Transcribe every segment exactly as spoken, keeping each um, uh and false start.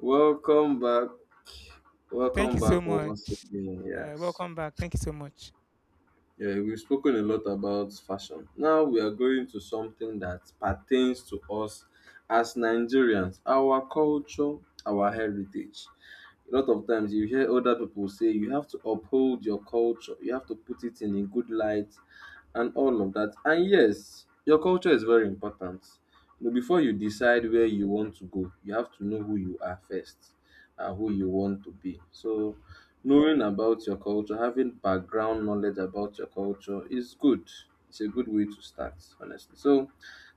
Welcome back. Thank Welcome you so back much. once again. Uh, Yes. Welcome back. Thank you so much. Yeah, we've spoken a lot about fashion. Now we are going to something that pertains to us as Nigerians, our culture, our heritage. A lot of times you hear other people say you have to uphold your culture, you have to put it in a good light, and all of that. And yes, your culture is very important. You know, before you decide where you want to go, you have to know who you are first and who you want to be. So, knowing about your culture, having background knowledge about your culture is good. It's a good way to start, honestly. So,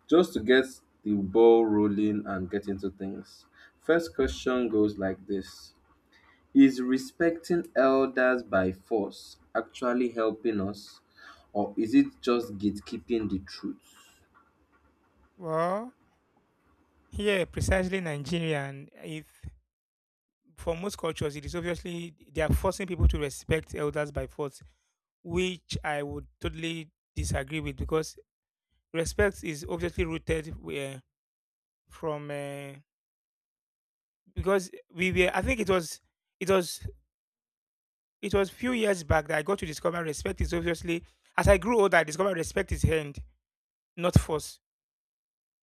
just to get the ball rolling and get into things, first question goes like this: is respecting elders by force actually helping us, or is it just gatekeeping the truth? Well, yeah, precisely Nigeria, and if for most cultures, it is obviously they are forcing people to respect elders by force, which I would totally disagree with because respect is obviously rooted where from uh, because we were. I think it was it was it was few years back that I got to discover respect is obviously. As I grew older, I discovered respect is hand, not force.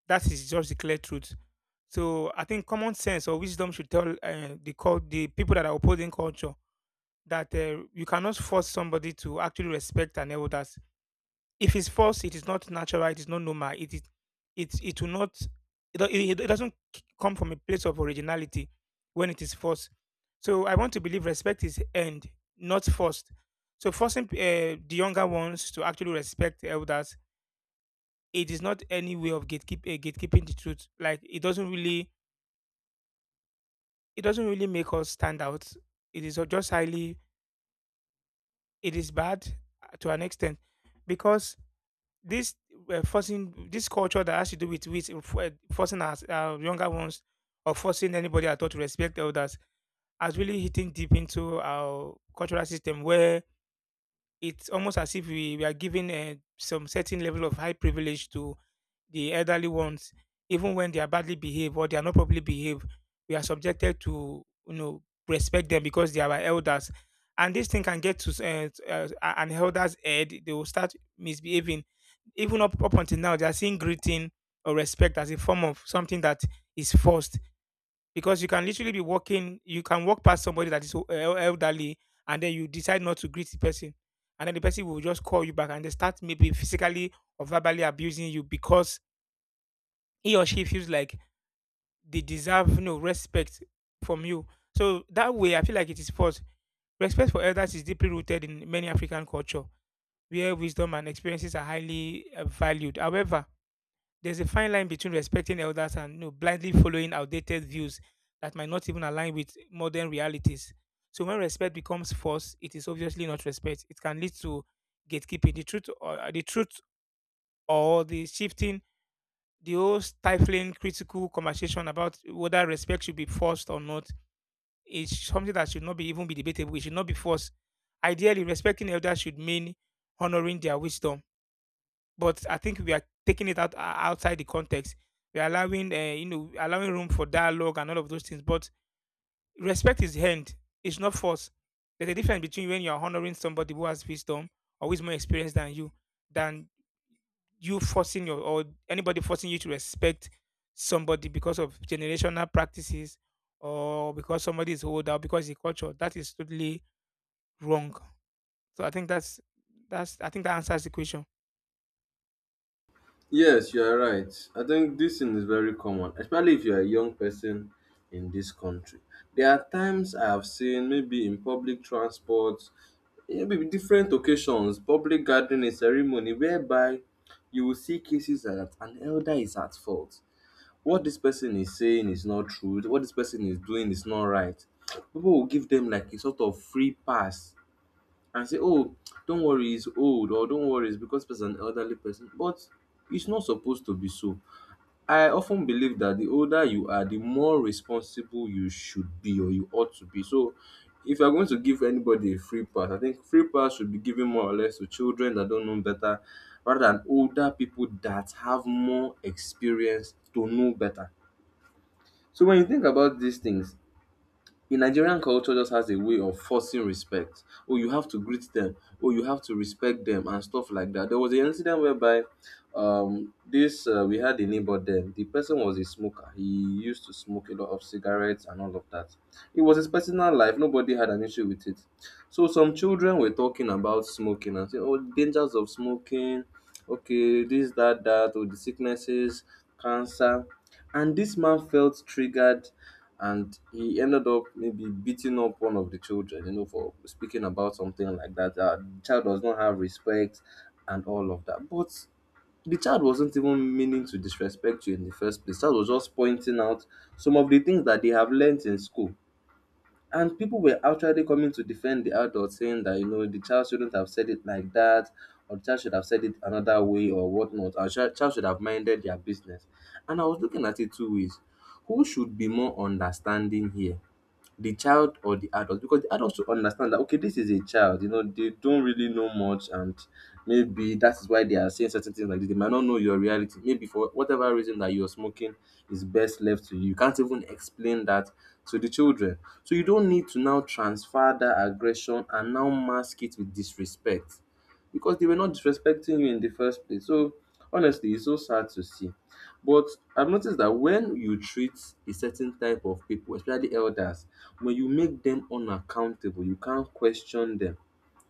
That is just the clear truth. So I think common sense or wisdom should tell uh, the cult, the people that are opposing culture, that uh, you cannot force somebody to actually respect an elders. If it's forced, it is not natural. It is not normal. It is it it will not. It, do- it, it doesn't c- come from a place of originality when it is forced. So I want to believe respect is earned, not forced. So forcing uh, the younger ones to actually respect elders, it is not any way of gatekeep uh, gatekeeping the truth. Like, it doesn't really it doesn't really make us stand out. It is just highly. It is bad uh, to an extent because this uh, forcing this culture that has to do with with uh, forcing us uh, younger ones, or forcing anybody at all to respect elders, has really hitting deep into our cultural system where it's almost as if we, we are giving uh, some certain level of high privilege to the elderly ones, even when they are badly behaved, or they are not properly behaved. We are subjected to you know respect them because they are our elders. And this thing can get to s- eh, eh, an elder's head; they will start misbehaving. Even up, up until now, they are seeing greeting or respect as a form of something that is forced. Because you can literally be walking, you can walk past somebody that is o- eh, elderly, and then you decide not to greet the person, and then the person will just call you back, and they start maybe physically or verbally abusing you because he or she feels like they deserve no respect from you. So that way, I feel like it is false. Respect for elders is deeply rooted in many African culture, where wisdom and experiences are highly uh, valued. However, there's a fine line between respecting elders and you know, blindly following outdated views that might not even align with modern realities. So when respect becomes force, it is obviously not respect. It can lead to gatekeeping the truth, or the truth, or the shifting, the whole stifling critical conversation about whether respect should be forced or not is something that should not be even be debatable. It should not be forced. Ideally, respecting elders should mean honoring their wisdom. But I think we are taking it out uh, outside the context. We are allowing, uh, you know, allowing room for dialogue and all of those things. But respect is earned. It's not forced. There's a difference between when you are honoring somebody who has wisdom or who is more experienced than you, than you forcing your or anybody forcing you to respect somebody because of generational practices, or because somebody is older, or because the culture, that is totally wrong. So I think that's that's I think that answers the question. Yes, you are right. I think this thing is very common, especially if you are a young person in this country. There are times I have seen, maybe in public transport, eh, maybe different occasions, public gathering, a ceremony, whereby you will see cases like that an elder is at fault. What this person is saying is not true, what this person is doing is not right. People will give them like a sort of free pass and say, oh, don't worry, he's old, or don't worry, it's because he's an elderly person. But it's not supposed to be so. I often believe that the older you are, the more responsible you should be or you ought to be. So if you're going to give anybody a free pass, I think free pass should be given more or less to children that don't know better, rather than older people that have more experience to know better. So when you think about these things, in Nigerian culture, just has a way of forcing respect. Oh, you have to greet them. Oh, you have to respect them and stuff like that. There was an incident whereby um this uh, we had a neighbor then. The person was a smoker. He used to smoke a lot of cigarettes and all of that. It was his personal life. Nobody had an issue with it. So some children were talking about smoking and saying, "Oh, dangers of smoking. Okay, this, that, that. Oh, the sicknesses, cancer." And this man felt triggered and he ended up maybe beating up one of the children, you know, for speaking about something like that. Uh, the child does not have respect and all of that. But the child wasn't even meaning to disrespect you in the first place. Child was just pointing out some of the things that they have learnt in school, and people were actually coming to defend the adult, saying that, you know, the child shouldn't have said it like that, or the child should have said it another way, or whatnot. And child child should have minded their business. And I was looking at it two ways: who should be more understanding here? The child or the adult? Because the adults should understand that, okay, this is a child, you know, they don't really know much, and maybe that is why they are saying certain things like this. They might not know your reality. Maybe for whatever reason that you're smoking is best left to you, you can't even explain that to the children. So you don't need to now transfer that aggression and now mask it with disrespect, because they were not disrespecting you in the first place. So honestly, it's so sad to see. But I've noticed that when you treat a certain type of people, especially elders, when you make them unaccountable, you can't question them.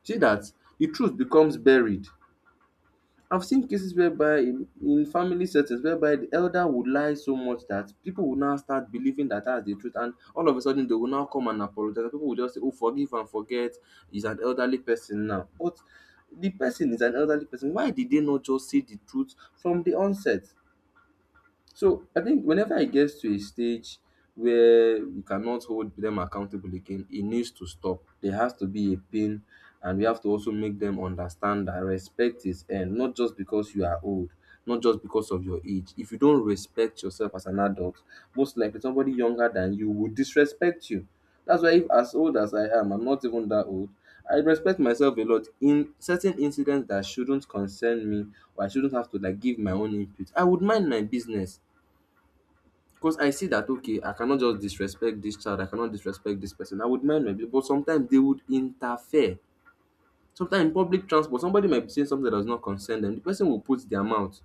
See that the truth becomes buried. I've seen cases whereby in, in family settings whereby the elder would lie so much that people will now start believing that that's the truth, and all of a sudden they will now come and apologize. People will just say, "Oh, forgive and forget. He's an elderly person now," but the person is an elderly person. Why did they not just say the truth from the onset? So I think whenever it gets to a stage where we cannot hold them accountable again, it needs to stop. There has to be a pin, and we have to also make them understand that respect is earned, not just because you are old, not just because of your age. If you don't respect yourself as an adult, most likely somebody younger than you will disrespect you. That's why, if as old as I am, I'm not even that old, I respect myself a lot. In certain incidents that shouldn't concern me or I shouldn't have to like give my own input, I would mind my business, because I see that, okay, I cannot just disrespect this child, I cannot disrespect this person. I would mind my people, but sometimes they would interfere. Sometimes in public transport, somebody might be saying something that does not concern them. The person will put their mouth.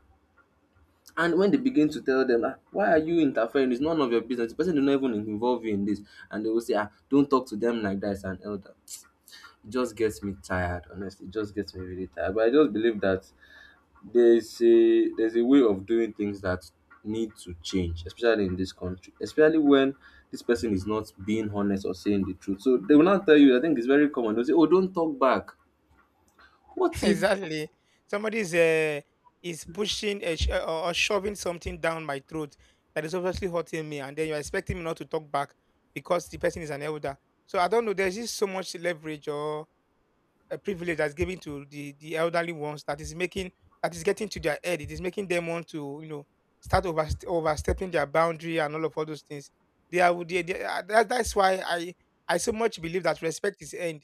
And when they begin to tell them, ah, why are you interfering? It's none of your business. The person did not even involve you in this. And they will say, ah, don't talk to them like that, it's an elder. It just gets me tired, honestly. It just gets me really tired. But I just believe that there's a there's a way of doing things that need to change, especially in this country, especially when this person is not being honest or saying the truth. So they will not tell you, I think it's very common, they'll say, oh, don't talk back. What if? Exactly. Somebody is uh, is pushing a sh- or or shoving something down my throat, that is obviously hurting me, and then you're expecting me not to talk back because the person is an elder. So I don't know, there's just so much leverage, or uh, privilege that's given to the the elderly ones, that is making, that is getting to their head. It is making them want to you know start over overstepping their boundary and all of all those things. They are they, they are- that, that's why I I so much believe that respect is earned.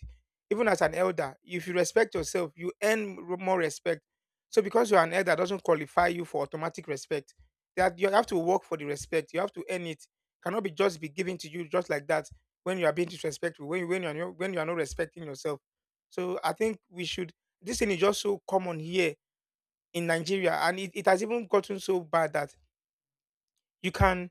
Even as an elder, if you respect yourself, you earn r- more respect. So because you're an elder doesn't qualify you for automatic respect. That you have to work for the respect. You have to earn it. Cannot be just be given to you just like that when you are being disrespectful. When you when you are no- when you are not respecting yourself. So I think we should. This thing is just so common here in Nigeria, and it, it has even gotten so bad that you can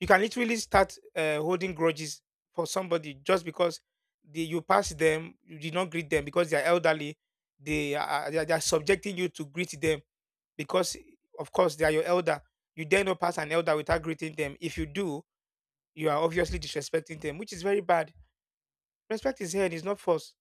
you can literally start uh, holding grudges for somebody just because they, you pass them, you did not greet them because they are elderly. They are they are, they are subjecting you to greet them because, of course, they are your elder. You dare not pass an elder without greeting them. If you do, you are obviously disrespecting them, which is very bad. Respect is here and it's not forced.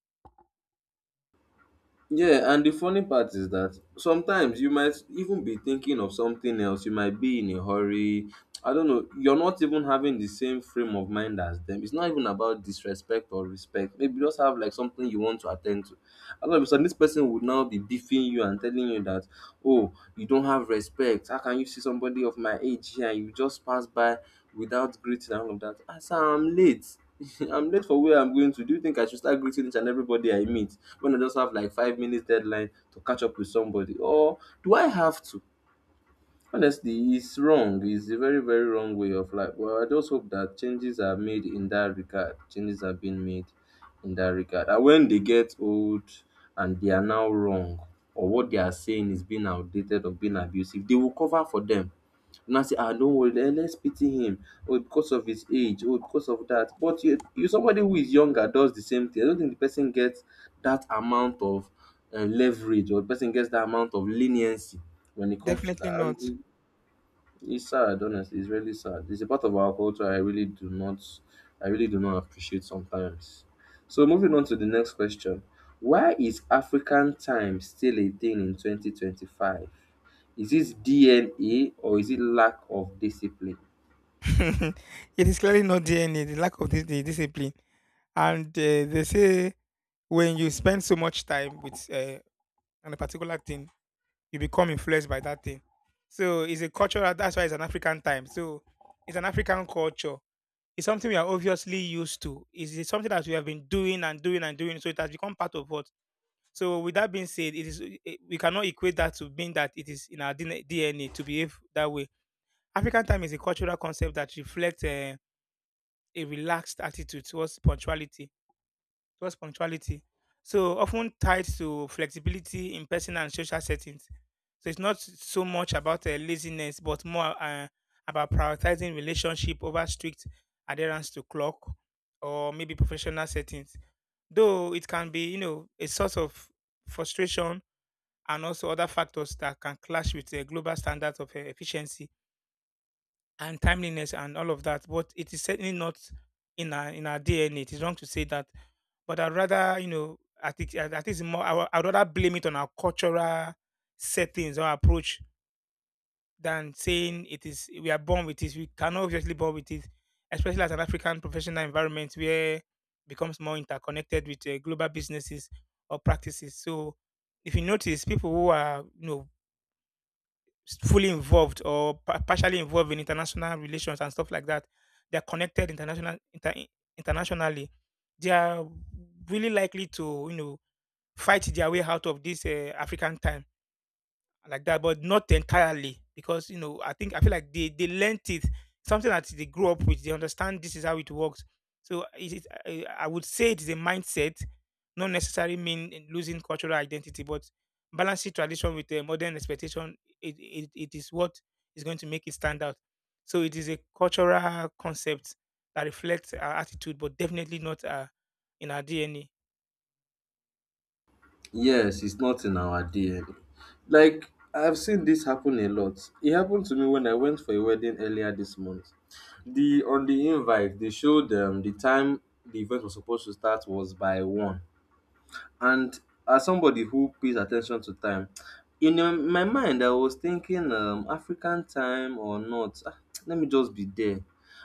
Yeah, and the funny part is that sometimes you might even be thinking of something else. You might be in a hurry. I don't know. You're not even having the same frame of mind as them. It's not even about disrespect or respect. Maybe you just have like something you want to attend to. All of a sudden, this person would now be beefing you and telling you that, oh, you don't have respect. How can you see somebody of my age here and you just pass by without greeting and all of that? I say, I'm late. I'm late for where I'm going to. Do you think I should start greeting each and everybody I meet when I just have like five minutes deadline to catch up with somebody? Or do I have to? Honestly, it's wrong. It's a very, very wrong way of life. Well, I just hope that changes are made in that regard. Changes are being made in that regard. And when they get old and they are now wrong, or what they are saying is being outdated or being abusive, they will cover for them. Now say, ah, don't worry, let- let's pity him. Or because of his age, or because of that. But you, you somebody who is younger does the same thing, I don't think the person gets that amount of uh, leverage, or the person gets that amount of leniency when it comes to Definitely that. And not. it's sad, honestly. It's really sad. It's a part of our culture I really do not, I really do not appreciate sometimes. So moving on to the next question. Why is African time still a thing in twenty twenty-five? Is it D N A or is it lack of discipline? It is clearly not D N A, the lack of this the discipline. And uh, they say, when you spend so much time with uh, on a particular thing, you become influenced by that thing. So it's a cultural. That's why it's an African time. So it's an African culture. It's something we are obviously used to. It's it's something that we have been doing and doing and doing. So it has become part of what. So with that being said, it is eh, we cannot equate that to being that it is in our D N A to behave that way. African time is a cultural concept that reflects. Uh, a relaxed attitude towards punctuality. Towards punctuality, so often tied to flexibility in personal and social settings. So it's not so much about uh, laziness, but more uh, about prioritizing relationship over strict adherence to clock, or maybe professional settings. Though it can be, you know, a source of frustration, and also other factors that can clash with the global standards of uh, efficiency and timeliness and all of that. But it is certainly not in our in our D N A. It is wrong to say that. But I'd rather, you know, I think I I think it's more. I, would- I'd rather blame it on our cultural settings or approach than saying it is we are born with it. We cannot obviously born with it, especially as an African professional environment where it becomes more interconnected with uh, global businesses or practices. So if you notice, people who are you know fully involved or pa- partially involved in international relations and stuff like that. They are connected international inter- internationally. They are really likely to you know fight their way out of this uh, African time like that, but not entirely, because you know I think I feel like they they learnt it, something that they grew up with. They understand this is how it works. So it is, I, I would say it is a mindset, not necessarily mean in losing cultural identity, but balancing tradition with a modern expectation. It, it it is what is going to make it stand out. So it is a cultural concept that reflects our attitude, but definitely not uh, in our D N A. Yes, it's not in our D N A. Like I've seen this happen a lot. It happened to me when I went for a wedding earlier this month. The on the invite they showed um, the time the event was supposed to start was by one. And as somebody who pays attention to time, in um, my mind, I was thinking, um, African time or not, ah, let me just be there.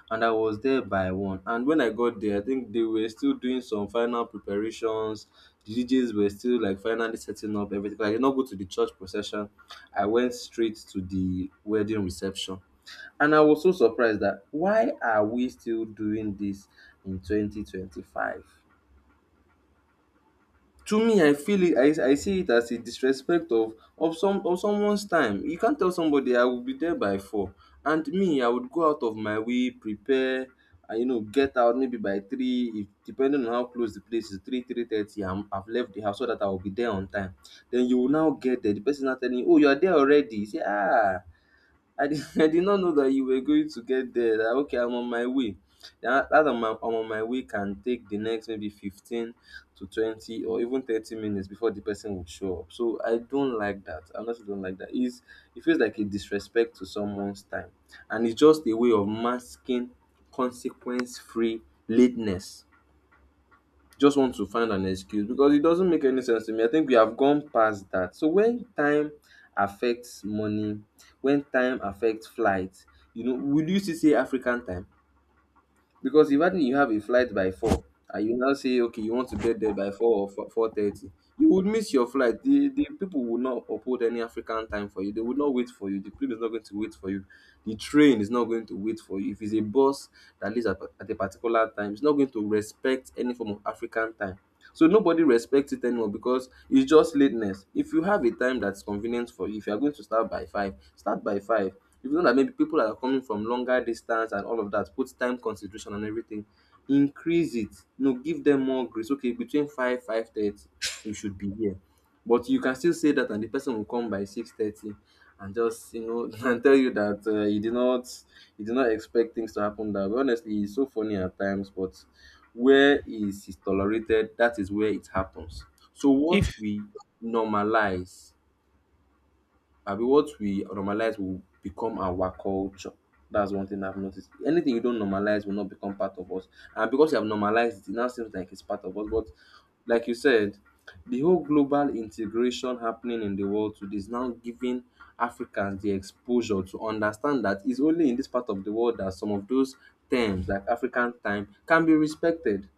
And I was there by one. And when I got there, I think they were still doing some final preparations. The D Js were still like finally setting up everything. I did not go to the church procession. I went straight to the wedding reception. And I was so surprised that why are we still doing this in twenty twenty-five? To me, I feel it. I, I see it as a disrespect of of some of someone's time. You can't tell somebody I will be there by four, and me I would go out of my way, prepare, and you know get out maybe by three, if depending on how close the place is, three three thirty. I'm I've left the house so that I will be there on time. Then you will now get there. The person now telling you, oh, you are there already. You say, ah, I did, I did not know that you were going to get there. That, okay, I'm on my way. That, that I'm, on- I'm on my way can take the next maybe fifteen to twenty or even thirty minutes before the person would show up. So I don't like that. I honestly don't like that. It's, it feels like a disrespect to someone's time. And it's just a way of masking consequence free lateness just want to find an excuse because it doesn't make any sense to me. I think we have gone past that. So when time affects money, when time affects flight, you know, will you still say African time? Because imagine you have a flight by four and you now say, okay, you want to get there by four or four thirty, you would miss your flight. The the people would not uphold any African time for you. They would not wait for you. The plane is not going to wait for you. The train is not going to wait for you. If it's a bus that leaves at, at a particular time, it's not going to respect any form of African time. So nobody respects it anymore because it's just lateness. If you have a time that's convenient for you, if you're going to start by five, start by five. If you know that maybe people that are coming from longer distance and all of that, put time consideration and everything, increase it. You know, give them more grace. Okay, between five, five thirty, you should be here. But you can still say that and the person will come by six thirty and just you know and tell you that uh, you did not you did not expect things to happen that way. Honestly, it's so funny at times, but where is is tolerated, that is where it happens. So what If we normalize, I mean, what we normalize will become our culture. That's one thing I've noticed. Anything you don't normalize will not become part of us. And because you have normalized it, it now seems like it's part of us. But like you said, the whole global integration happening in the world today is now giving Africans the exposure to understand that it's only in this part of the world that some of those terms like African time can be respected.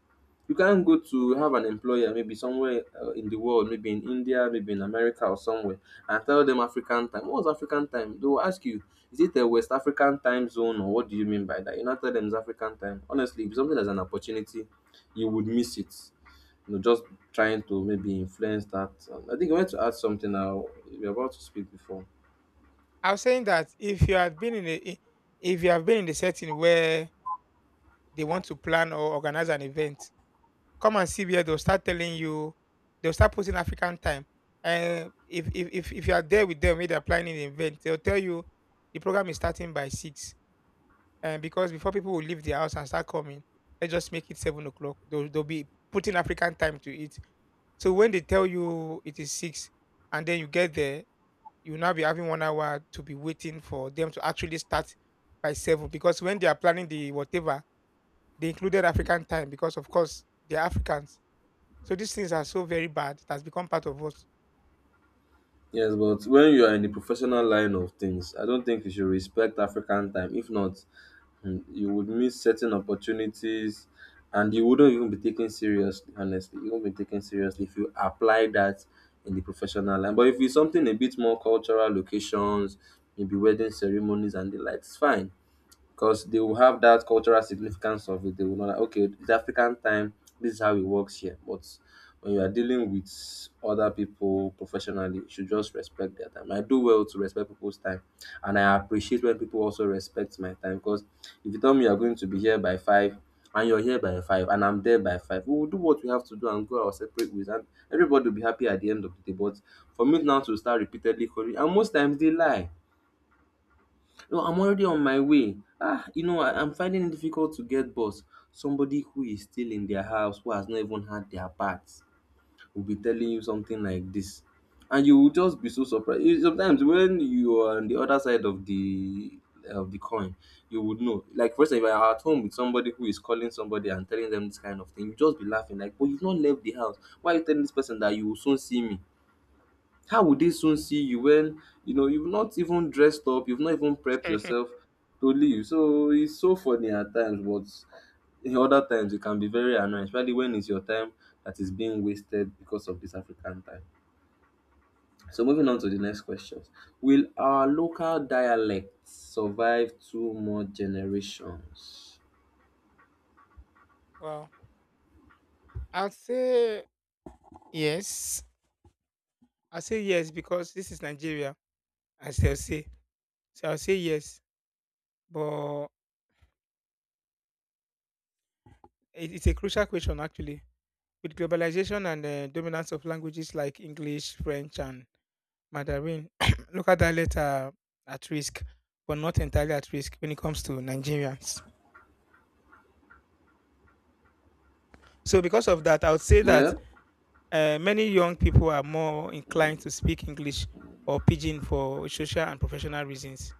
You can't go to have an employer maybe somewhere uh, in the world, maybe in India, maybe in America or somewhere, and tell them African time. What was African time? They will ask you, is it a West African time zone or what do you mean by that? You not tell them it's African time. Honestly, if something is an opportunity, you would miss it. You know, just trying to maybe influence that. Um, I think I want to add something now. We are about to speak before. I was saying that, if you have been in a I- if you have been in a setting where they want to plan or organize an event, come and see where they'll start telling you, they'll start putting African time. And if, if, if, if you are there with them, when they're planning the event, they'll tell you the program is starting by six. And because before people will leave their house and start coming, let's just make it seven o'clock. They'll, they'll be putting African time to it. So when they tell you it is six and then you get there, you'll now be having one hour to be waiting for them to actually start by seven. Because when they are planning the whatever, they included African time because, of course, they're Africans. So these things are so very bad. It has become part of us. Yes, but when you are in the professional line of things, I don't think you should respect African time. If not, Mm, you would miss certain opportunities, and you wouldn't even be taken seriously, honestly you won't be taken seriously if you apply that in the professional line, but if it's something a bit more cultural locations, maybe wedding ceremonies and the like, it's fine because they will have that cultural significance of it. They will know that, okay, it's African time. This is how it works here. But when you are dealing with other people professionally, you should just respect their time. I do well to respect people's time, and I appreciate when people also respect my time. Because if you tell me you are going to be here by five, and you're here by five, and I'm there by five, we will do what we have to do and go our separate ways, and everybody will be happy at the end of the day. But for me now to start repeatedly calling, and most times they lie, no, I'm already on my way. Ah, you know, I, I'm finding it difficult to get bus. Somebody who is still in their house, who has not even had their bath, will be telling you something like this. And you will just be so surprised. You- Sometimes when you are on the other side of the of the coin, you would know. Like for instance, if you are at home with somebody who is calling somebody and telling them this kind of thing, you just be laughing like, "But you've not left the house. Why are you telling this person that you will soon see me? How will they soon see you when you know you've not even dressed up, you've not even prepped Mhm. yourself to leave?" So it's so funny at times, but in other times it can be very annoying, especially when it's your time that is being wasted because of this African time. So moving on to the next questions. Will our local dialects survive two more generations? Wow. I'll say yes. I'll say yes because this is Nigeria, as they'll say. So I'll say yes. But it- it's a crucial question, actually. With globalization and the dominance of languages like English, French, and Mandarin, local dialects are at risk, but not entirely at risk when it comes to Nigerians. So because of that, I would say that Yeah. Uh, many young people are more inclined to speak English or Pidgin for social and professional reasons.